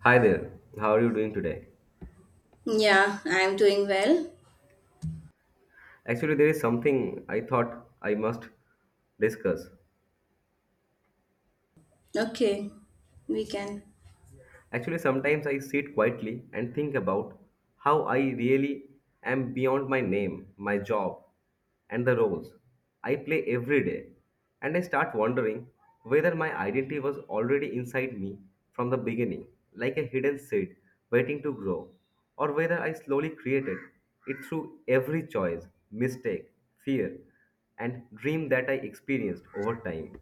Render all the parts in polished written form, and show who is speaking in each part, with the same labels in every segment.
Speaker 1: Hi there, how are you doing today?
Speaker 2: Yeah, I'm doing well.
Speaker 1: Actually, there is something I thought I must discuss.
Speaker 2: Okay, we can.
Speaker 1: Actually, sometimes I sit quietly and think about how I really am beyond my name, my job, and the roles I play every day. And I start wondering whether my identity was already inside me from the beginning, like a hidden seed waiting to grow, or whether I slowly created it through every choice, mistake, fear, and dream that I experienced over time.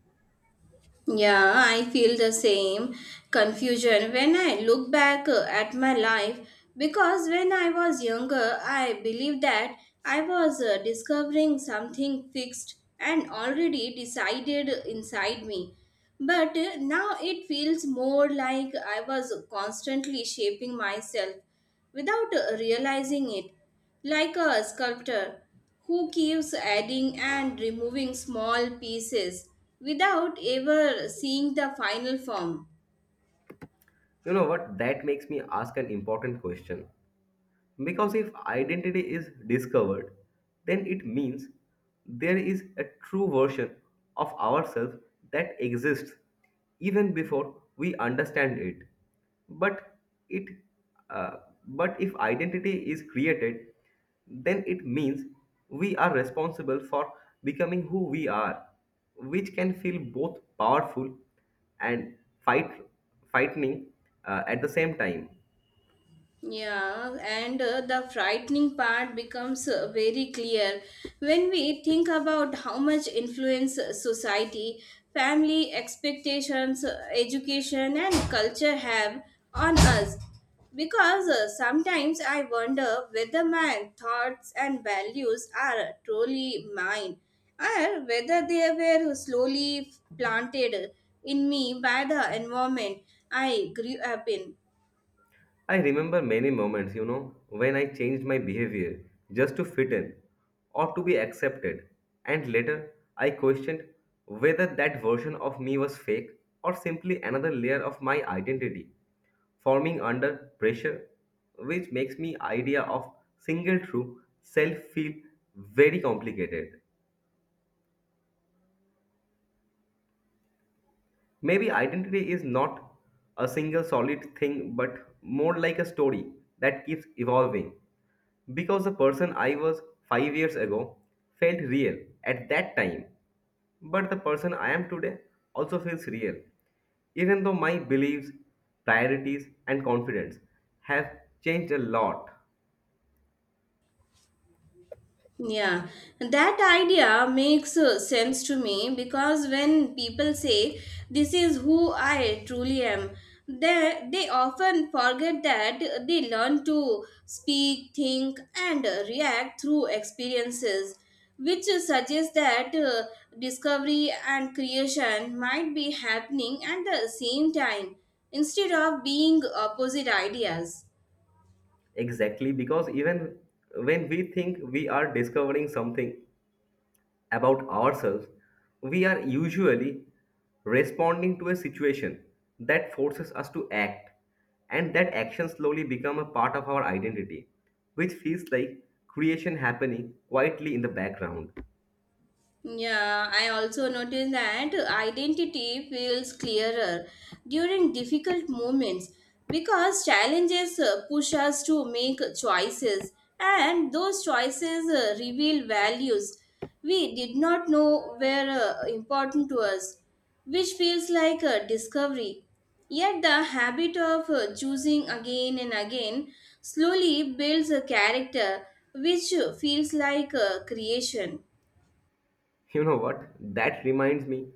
Speaker 2: Yeah, I feel the same confusion when I look back at my life because when I was younger, I believed that I was discovering something fixed and already decided inside me. But now it feels more like I was constantly shaping myself without realizing it. Like a sculptor who keeps adding and removing small pieces without ever seeing the final form.
Speaker 1: You know what? That makes me ask an important question. Because if identity is discovered, then it means there is a true version of ourselves that exists even before we understand it. But it, uh, but if identity is created, then it means we are responsible for becoming who we are, which can feel both powerful and fight, frightening at the same time.
Speaker 2: Yeah, and the frightening part becomes very clear when we think about how much influence society, family expectations, education, and culture have on us. Because sometimes I wonder whether my thoughts and values are truly mine, or whether they were slowly planted in me by the environment I grew up in.
Speaker 1: I remember many moments, when I changed my behavior just to fit in or to be accepted, and later I questioned whether that version of me was fake or simply another layer of my identity forming under pressure, which makes me idea of single true self feel very complicated. Maybe identity is not a single solid thing, but more like a story that keeps evolving. Because the person I was 5 years ago felt real at that time, but the person I am today also feels real, even though my beliefs, priorities, and confidence have changed a lot.
Speaker 2: Yeah, that idea makes sense to me because when people say this is who I truly am, they often forget that they learn to speak, think, and react through experiences, which suggests that discovery and creation might be happening at the same time instead of being opposite ideas.
Speaker 1: Exactly, because even when we think we are discovering something, about ourselves, we are usually responding to a situation that forces us to act, and that action slowly become a part of our identity, which feels like creation happening quietly in the background.
Speaker 2: Yeah, I also noticed that identity feels clearer during difficult moments because challenges push us to make choices, and those choices reveal values we did not know were important to us, which feels like a discovery. Yet, the habit of choosing again and again slowly builds a character which feels like a creation.
Speaker 1: You know what? That reminds me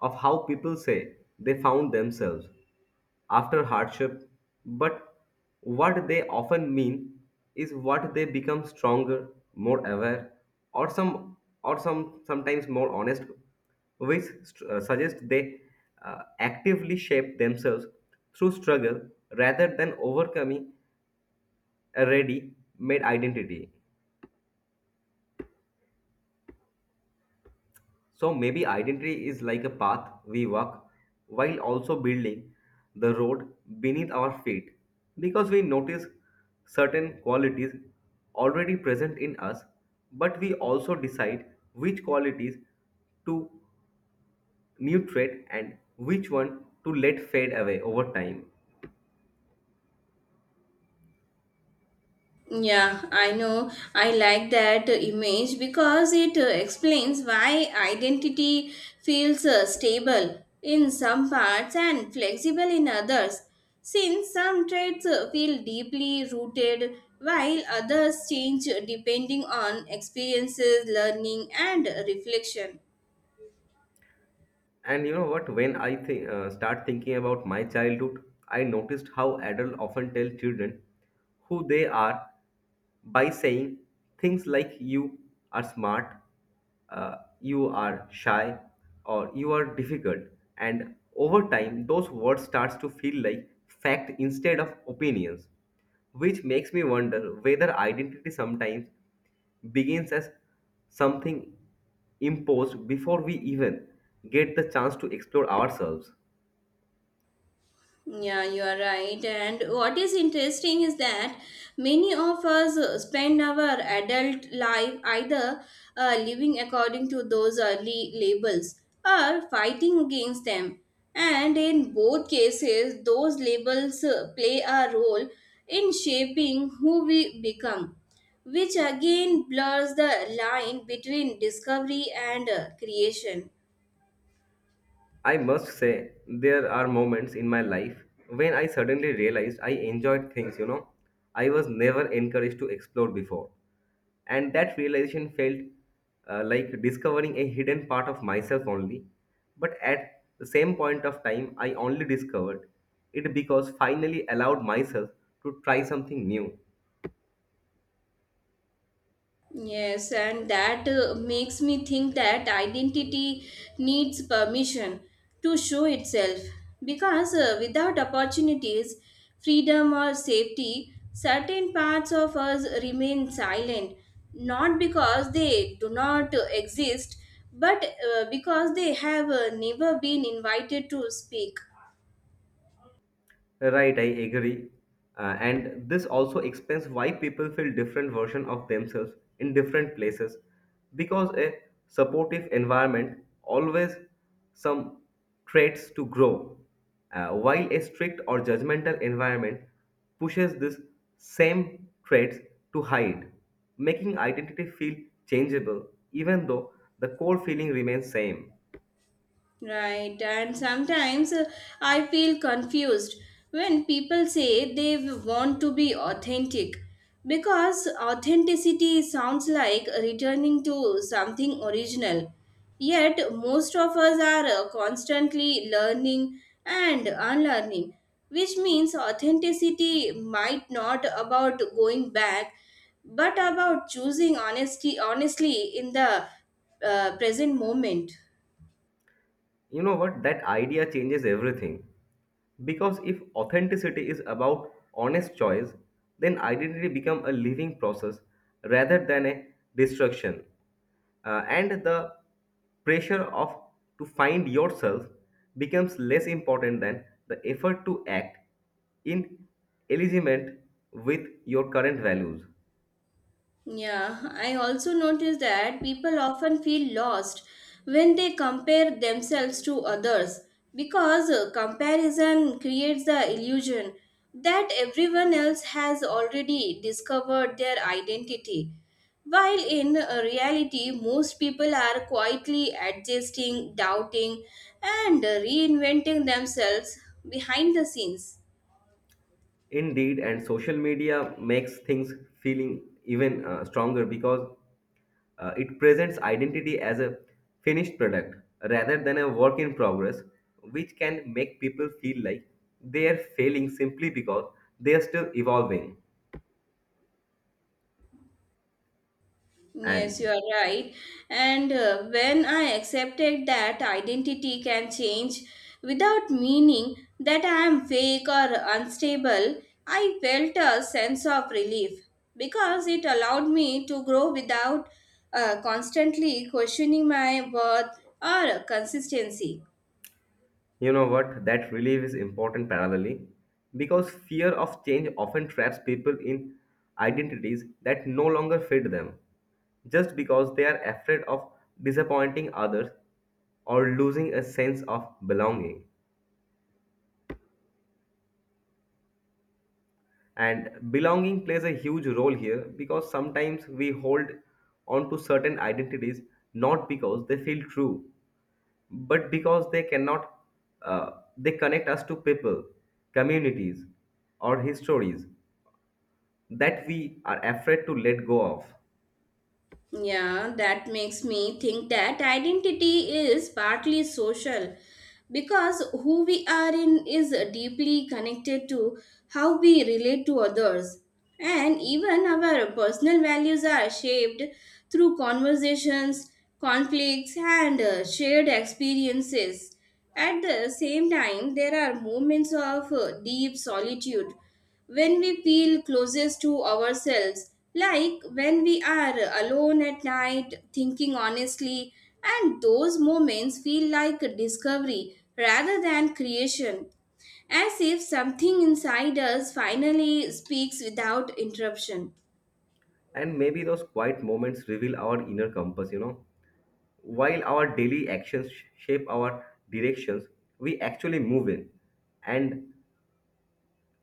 Speaker 1: of how people say they found themselves after hardship, but what they often mean is what they become stronger, more aware, or some or sometimes more honest, which suggests they actively shape themselves through struggle rather than overcoming a ready-made identity. So maybe identity is like a path we walk while also building the road beneath our feet because we notice certain qualities already present in us, but we also decide which qualities to nutrient and which one to let fade away over time.
Speaker 2: Yeah, I know. I like that image because it explains why identity feels stable in some parts and flexible in others. Since some traits feel deeply rooted, while others change depending on experiences, learning, and reflection.
Speaker 1: And you know what? When I think start thinking about my childhood, I noticed how adults often tell children who they are by saying things like "you are smart," "you are shy," or "you are difficult." And over time, those words starts to feel like fact instead of opinions, which makes me wonder whether identity sometimes begins as something imposed before we even get the chance to explore ourselves.
Speaker 2: Yeah, you are right. And what is interesting is that many of us spend our adult life either living according to those early labels or fighting against them. And in both cases, those labels play a role in shaping who we become, which again blurs the line between discovery and creation.
Speaker 1: I must say, there are moments in my life when I suddenly realized I enjoyed things, I was never encouraged to explore before. And that realization felt like discovering a hidden part of myself only. But at the same point of time, I only discovered it because finally allowed myself to try something new.
Speaker 2: Yes, and that makes me think that identity needs permission to show itself. Because without opportunities, freedom, or safety, certain parts of us remain silent, not because they do not exist, but because they have never been invited to speak.
Speaker 1: Right, I agree. And this also explains why people feel different version of themselves in different places because a supportive environment always some traits to grow while a strict or judgmental environment pushes this same traits to hide making identity feel changeable even though the core feeling remains same.
Speaker 2: Right, and sometimes I feel confused when people say they want to be authentic because authenticity sounds like returning to something original. Yet, most of us are constantly learning and unlearning, which means authenticity might not about going back but about choosing honesty honestly in the present moment.
Speaker 1: You know what? That idea changes everything. Because if authenticity is about honest choice, then identity becomes a living process rather than a destruction. And the pressure of to find yourself becomes less important than the effort to act in alignment with your current values.
Speaker 2: Yeah, I also notice that people often feel lost when they compare themselves to others because comparison creates the illusion that everyone else has already discovered their identity. While in reality, most people are quietly adjusting, doubting, and reinventing themselves behind the scenes.
Speaker 1: Indeed, and social media makes things feeling even stronger because it presents identity as a finished product rather than a work in progress, which can make people feel like they are failing simply because they are still evolving.
Speaker 2: Yes, you
Speaker 1: And
Speaker 2: are right. And when I accepted that identity can change without meaning that I am fake or unstable, I felt a sense of relief because it allowed me to grow without constantly questioning my worth or consistency.
Speaker 1: You know what? That relief is important parallelly because fear of change often traps people in identities that no longer fit them just because they are afraid of disappointing others or losing a sense of belonging. And belonging plays a huge role here because sometimes we hold on to certain identities not because they feel true but because they cannot they connect us to people, communities, or histories that we are afraid to let go of.
Speaker 2: Yeah, that makes me think that identity is partly social because who we are in is deeply connected to how we relate to others. And even our personal values are shaped through conversations, conflicts, and shared experiences. At the same time, there are moments of deep solitude when we feel closest to ourselves, like when we are alone at night thinking honestly, and those moments feel like a discovery rather than creation, as if something inside us finally speaks without interruption.
Speaker 1: And maybe those quiet moments reveal our inner compass, while our daily actions shape our directions we actually move in, and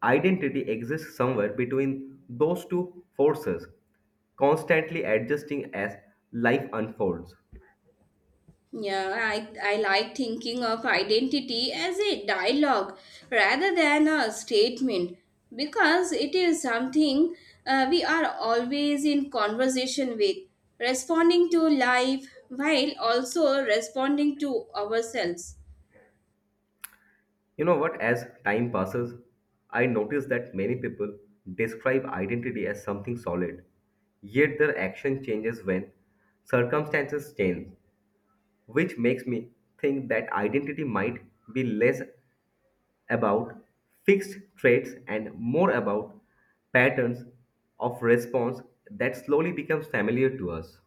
Speaker 1: identity exists somewhere between those two forces, constantly adjusting as life unfolds.
Speaker 2: Yeah, I like thinking of identity as a dialogue rather than a statement because it is something we are always in conversation with, responding to life while also responding to ourselves.
Speaker 1: You know what? As time passes, I notice that many people describe identity as something solid, yet their action changes when circumstances change, which makes me think that identity might be less about fixed traits and more about patterns of response that slowly becomes familiar to us.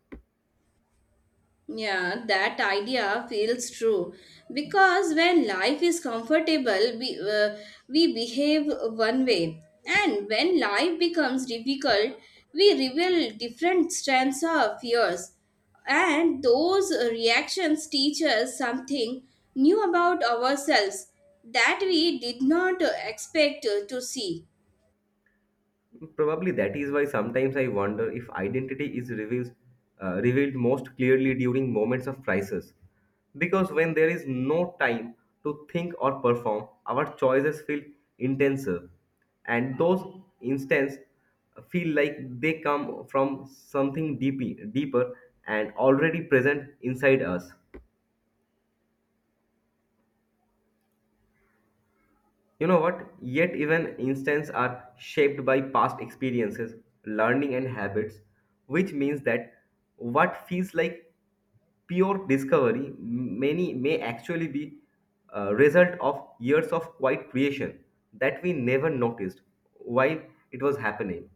Speaker 2: Yeah, that idea feels true because when life is comfortable, we behave one way, and when life becomes difficult, we reveal different strengths or fears, and those reactions teach us something new about ourselves that we did not expect to see.
Speaker 1: Probably that is why sometimes I wonder if identity is revealed most clearly during moments of crisis. Because when there is no time to think or perform, our choices feel intenser, and those instants feel like they come from something deep, deeper and already present inside us. You know what? Yet even instants are shaped by past experiences, learning, and habits, which means that what feels like pure discovery many may actually be a result of years of quiet creation that we never noticed while it was happening.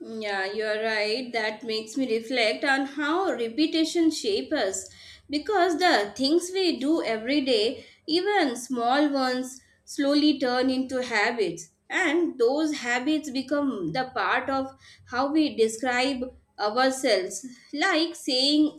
Speaker 2: Yeah, you're right. That makes me reflect on how repetition shapes us. Because the things we do every day, even small ones, slowly turn into habits. And those habits become the part of how we describe ourselves. Like saying,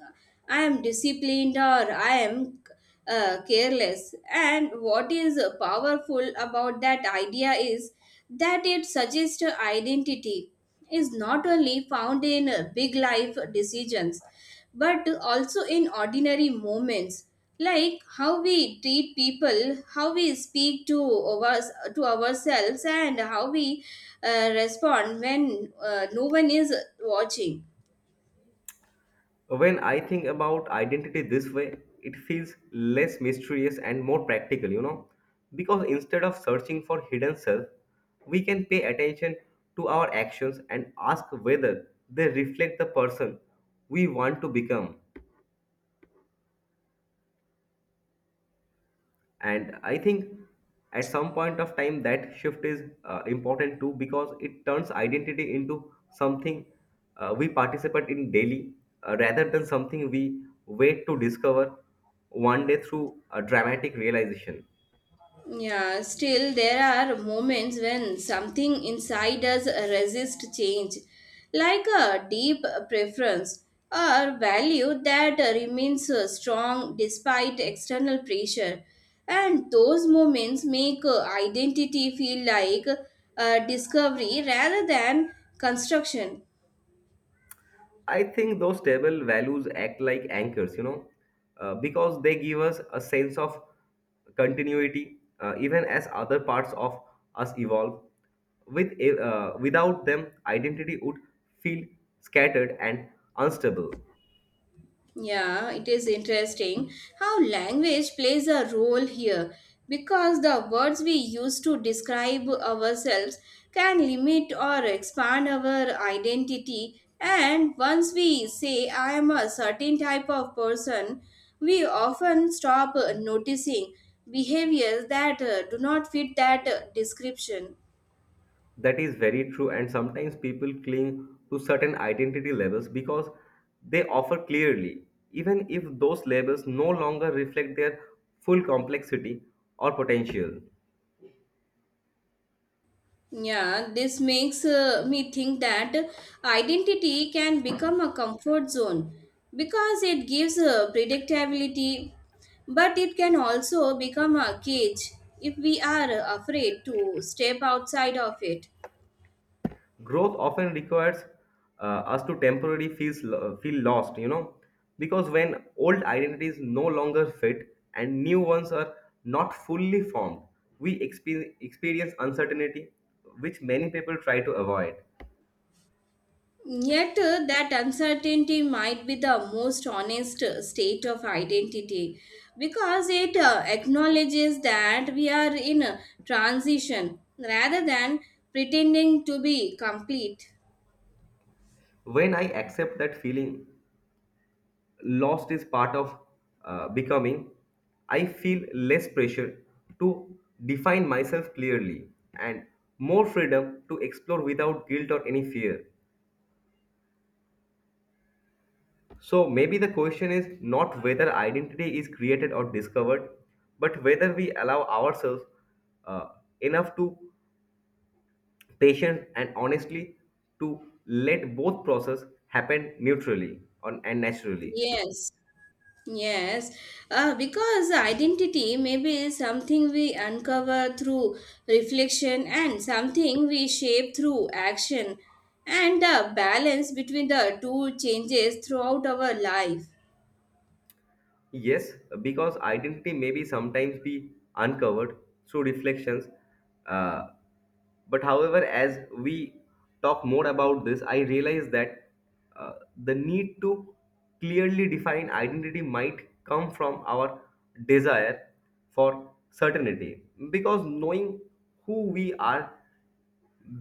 Speaker 2: I am disciplined or I am careless. And what is powerful about that idea is that it suggests identity is not only found in big life decisions but also in ordinary moments like how we treat people how we speak to ours, to ourselves and how we respond when no one is watching.
Speaker 1: When I think about identity this way, it feels less mysterious and more practical, because instead of searching for hidden self, we can pay attention to our actions and ask whether they reflect the person we want to become. And I think at some point of time that shift is important too because it turns identity into something we participate in daily rather than something we wait to discover one day through a dramatic realization.
Speaker 2: Yeah, still, there are moments when something inside us resists change, like a deep preference or value that remains strong despite external pressure. And those moments make identity feel like a discovery rather than construction.
Speaker 1: I think those stable values act like anchors, because they give us a sense of continuity, even as other parts of us evolve. With without them, identity would feel scattered and unstable.
Speaker 2: Yeah, it is interesting how language plays a role here because the words we use to describe ourselves can limit or expand our identity. And once we say, I am a certain type of person, we often stop noticing behaviors that do not fit that description.
Speaker 1: That is very true, and sometimes people cling to certain identity levels because they offer clearly, even if those labels no longer reflect their full complexity or potential.
Speaker 2: Yeah, this makes me think that identity can become a comfort zone because it gives predictability, but it can also become a cage if we are afraid to step outside of it.
Speaker 1: Growth often requires us to temporarily feel lost because when old identities no longer fit and new ones are not fully formed we experience uncertainty which many people try to avoid.
Speaker 2: Yet, that uncertainty might be the most honest state of identity because it acknowledges that we are in a transition rather than pretending to be complete.
Speaker 1: When I accept that feeling lost is part of becoming, I feel less pressure to define myself clearly and more freedom to explore without guilt or any fear. So maybe the question is not whether identity is created or discovered, but whether we allow ourselves uh, enough to patient and honestly to let both process happen neutrally on, and naturally.
Speaker 2: Yes, yes. Because identity may be something we uncover through reflection and something we shape through action, and the balance between the two changes throughout our life.
Speaker 1: Yes, because identity may be sometimes be uncovered through reflections. Uh, but however, as we talk more about this, I realize that uh, the need to clearly define identity might come from our desire for certainty, because knowing who we are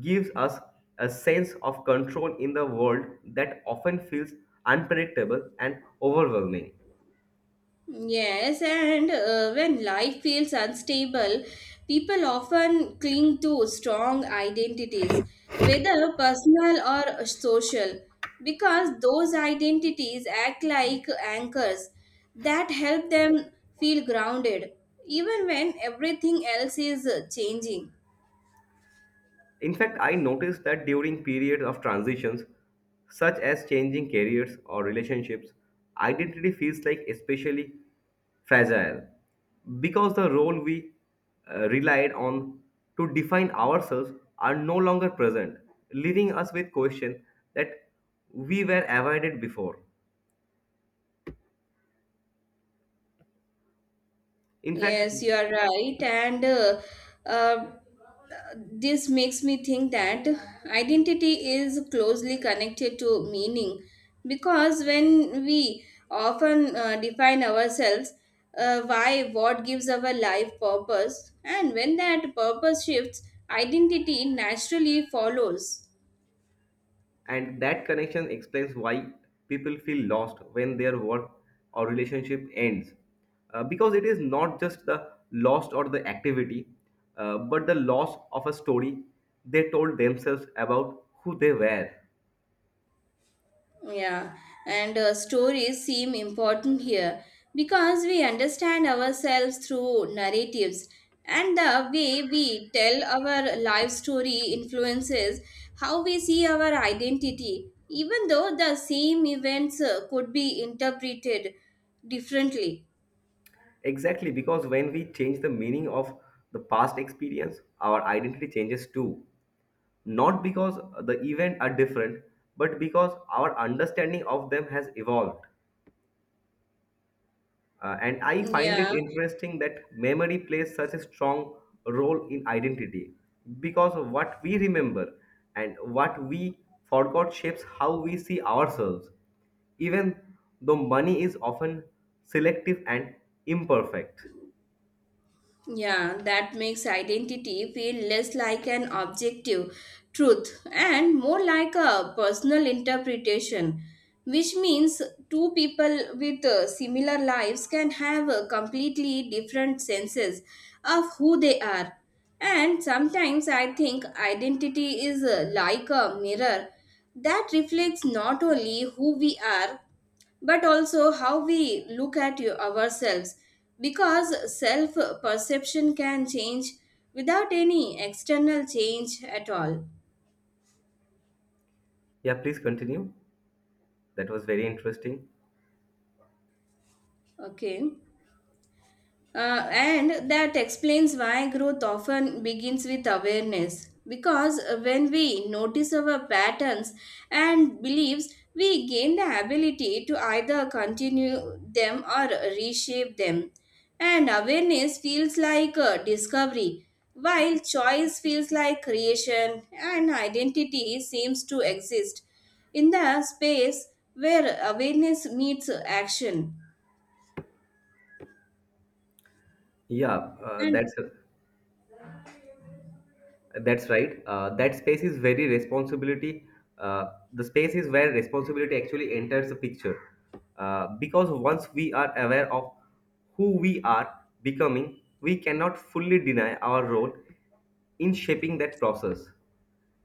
Speaker 1: gives us a sense of control in the world that often feels unpredictable and overwhelming.
Speaker 2: Yes, and when life feels unstable, people often cling to strong identities, whether personal or social, because those identities act like anchors that help them feel grounded, even when everything else is changing.
Speaker 1: In fact, I noticed that during periods of transitions, such as changing careers or relationships, identity feels like especially fragile because the role we relied on to define ourselves are no longer present, leaving us with questions that we were avoided before. In fact,
Speaker 2: Yes, you are right. And uh, this makes me think that identity is closely connected to meaning because when we often define ourselves, why, what gives our life purpose, and when that purpose shifts, identity naturally follows.
Speaker 1: And that connection explains why people feel lost when their work or relationship ends. Because it is not just the loss or the activity, but the loss of a story they told themselves about who they were.
Speaker 2: Yeah, and stories seem important here because we understand ourselves through narratives, and the way we tell our life story influences how we see our identity, even though the same events could be interpreted differently.
Speaker 1: Exactly, because when we change the meaning of the past experience, our identity changes too. Not because the event are different, but because our understanding of them has evolved. And I find it
Speaker 2: Yeah.
Speaker 1: interesting that memory plays such a strong role in identity because what we remember and what we forgot shapes how we see ourselves, even though money is often selective and imperfect.
Speaker 2: Yeah, that makes identity feel less like an objective truth and more like a personal interpretation, which means two people with similar lives can have completely different senses of who they are. And sometimes I think identity is like a mirror that reflects not only who we are but also how we look at ourselves because self perception can change without any external change at all.
Speaker 1: Yeah, please continue. That was very interesting.
Speaker 2: Okay. And that explains why growth often begins with awareness. Because when we notice our patterns and beliefs, we gain the ability to either continue them or reshape them. And awareness feels like a discovery, while choice feels like creation, and identity seems to exist in the space where awareness meets action.
Speaker 1: Yeah, uh,
Speaker 2: And
Speaker 1: that's That's right. That space is very responsibility. Uh, the space is where responsibility actually enters the picture. Because once we are aware of who we are becoming, we cannot fully deny our role in shaping that process.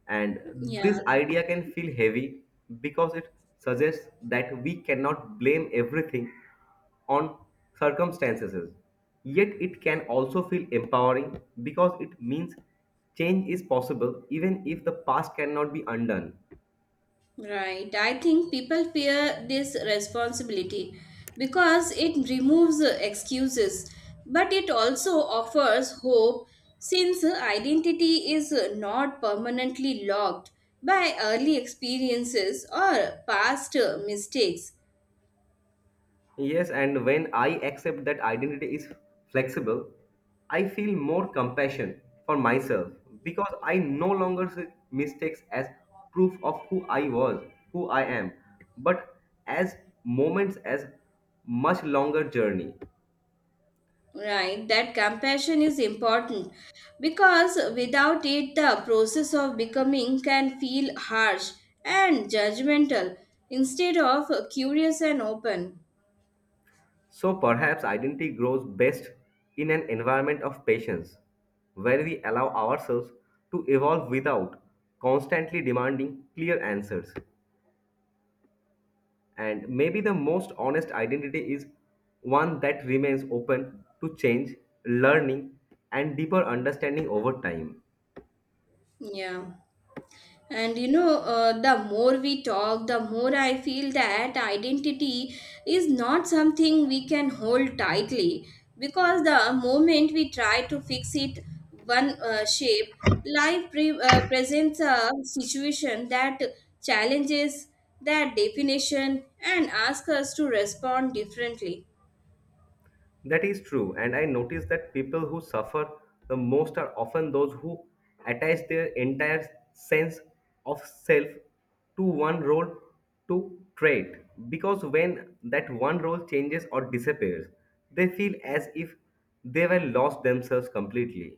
Speaker 1: And
Speaker 2: yeah.
Speaker 1: this idea can feel heavy because it suggests that we cannot blame everything on circumstances. Yet it can also feel empowering because it means change is possible even if the past cannot be undone.
Speaker 2: Right. I think people fear this responsibility because it removes excuses, but it also offers hope since identity is not permanently locked by early experiences or past mistakes.
Speaker 1: Yes, and when I accept that identity is flexible, I feel more compassion for myself because I no longer see mistakes as proof of who I was, who I am, but as moments as much longer journey.
Speaker 2: Right. That compassion is important because without it, the process of becoming can feel harsh and judgmental instead of curious and open.
Speaker 1: So perhaps identity grows best in an environment of patience where we allow ourselves to evolve without constantly demanding clear answers. And maybe the most honest identity is one that remains open to change, learning, and deeper understanding over time.
Speaker 2: Yeah. And you know, the more we talk, the more I feel that identity is not something we can hold tightly because the moment we try to fix it one shape, life presents a situation that challenges that definition and asks us to respond differently.
Speaker 1: That is true, and I notice that people who suffer the most are often those who attach their entire sense of self to one role to trait because when that one role changes or disappears, they feel as if they were lost themselves completely.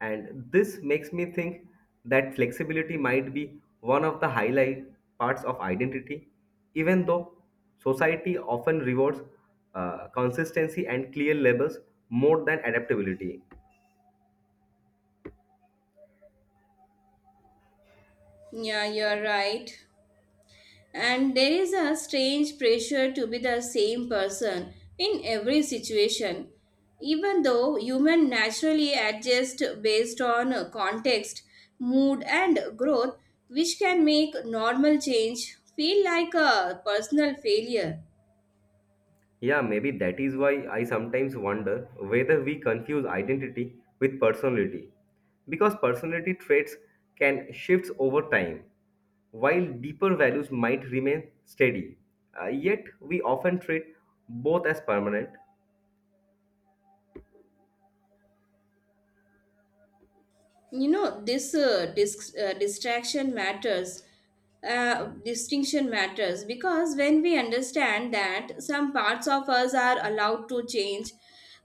Speaker 1: And this makes me think that flexibility might be one of the highlight parts of identity, even though society often rewards consistency and clear labels more than adaptability.
Speaker 2: Yeah, you're right. And there is a strange pressure to be the same person in every situation. Even though human naturally adjust based on context, mood and growth, which can make normal change feel like a personal failure.
Speaker 1: Yeah, maybe that is why I sometimes wonder whether we confuse identity with personality. Because personality traits can shift over time, while deeper values might remain steady. Yet, we often treat both as permanent.
Speaker 2: You know this distraction matters distinction matters because when we understand that some parts of us are allowed to change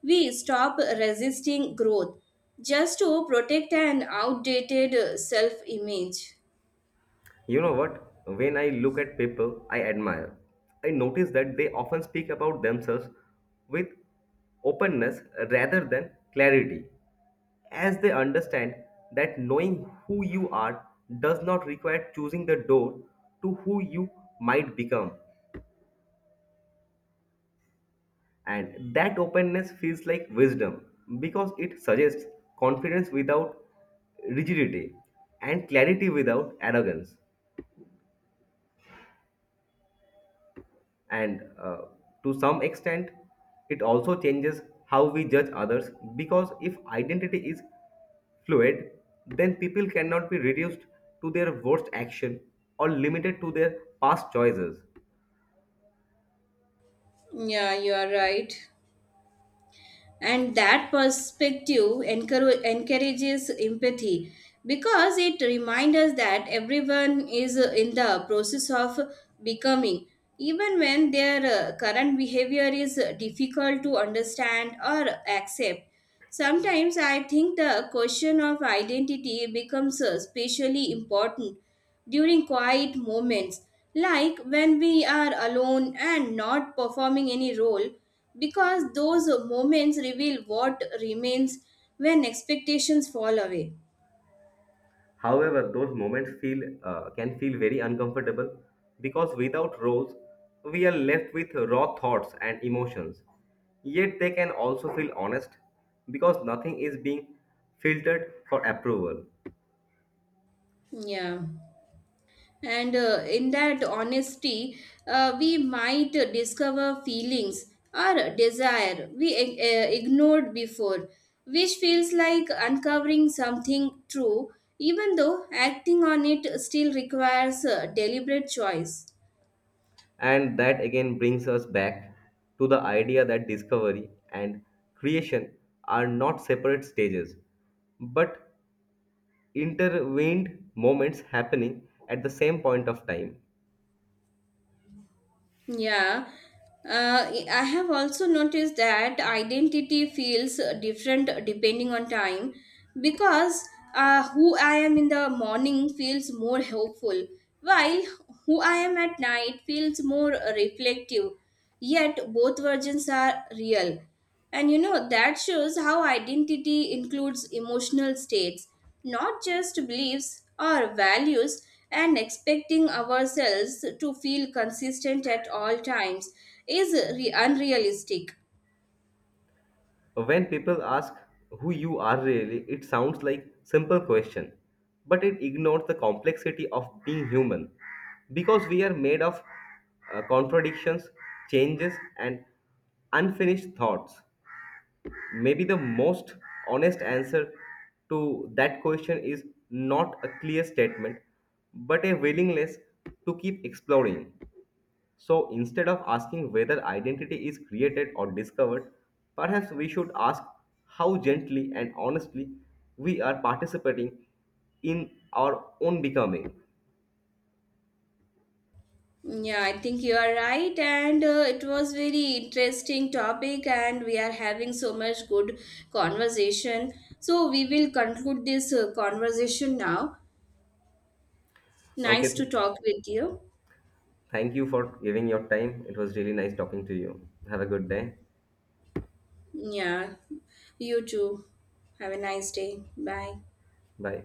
Speaker 2: we stop resisting growth just to protect an outdated self image.
Speaker 1: You know what? When I look at people I admire, I notice that they often speak about themselves with openness rather than clarity, as they understand that knowing who you are does not require choosing the door to who you might become. And that openness feels like wisdom because it suggests confidence without rigidity and clarity without arrogance. And to some extent it also changes how we judge others because if identity is fluid then people cannot be reduced to their worst action or limited to their past choices.
Speaker 2: Yeah you are right and that perspective encourages empathy because it reminds us that everyone is in the process of becoming even when their current behavior is difficult to understand or accept. Sometimes I think the question of identity becomes especially important during quiet moments, like when we are alone and not performing any role, because those moments reveal what remains when expectations fall away.
Speaker 1: However those moments feel can feel very uncomfortable because without roles we are left with raw thoughts and emotions, yet they can also feel honest because nothing is being filtered for approval.
Speaker 2: Yeah. And in that honesty, we might discover feelings or desire we ignored before, which feels like uncovering something true, even though acting on it still requires a deliberate choice.
Speaker 1: And that again brings us back to the idea that discovery and creation are not separate stages, but intervened moments happening at the same point of time.
Speaker 2: Yeah. I have also noticed that identity feels different depending on time because who I am in the morning feels more hopeful, while who I am at night feels more reflective. Yet both versions are real. And you know, that shows how identity includes emotional states, not just beliefs or values, and expecting ourselves to feel consistent at all times is unrealistic.
Speaker 1: When people ask who you are really, it sounds like simple question, but it ignores the complexity of being human because we are made of contradictions, changes and unfinished thoughts. Maybe the most honest answer to that question is not a clear statement, but a willingness to keep exploring. So instead of asking whether identity is created or discovered, perhaps we should ask how gently and honestly we are participating in our own becoming.
Speaker 2: Yeah, I think you are right, and it was very interesting topic, and we are having so much good conversation. So we will conclude this conversation now.
Speaker 1: Okay,
Speaker 2: Nice to talk with you.
Speaker 1: thank you for giving your time. It was really nice talking to you. Have a good day.
Speaker 2: Yeah, you too. Have a nice day. Bye.
Speaker 1: Bye.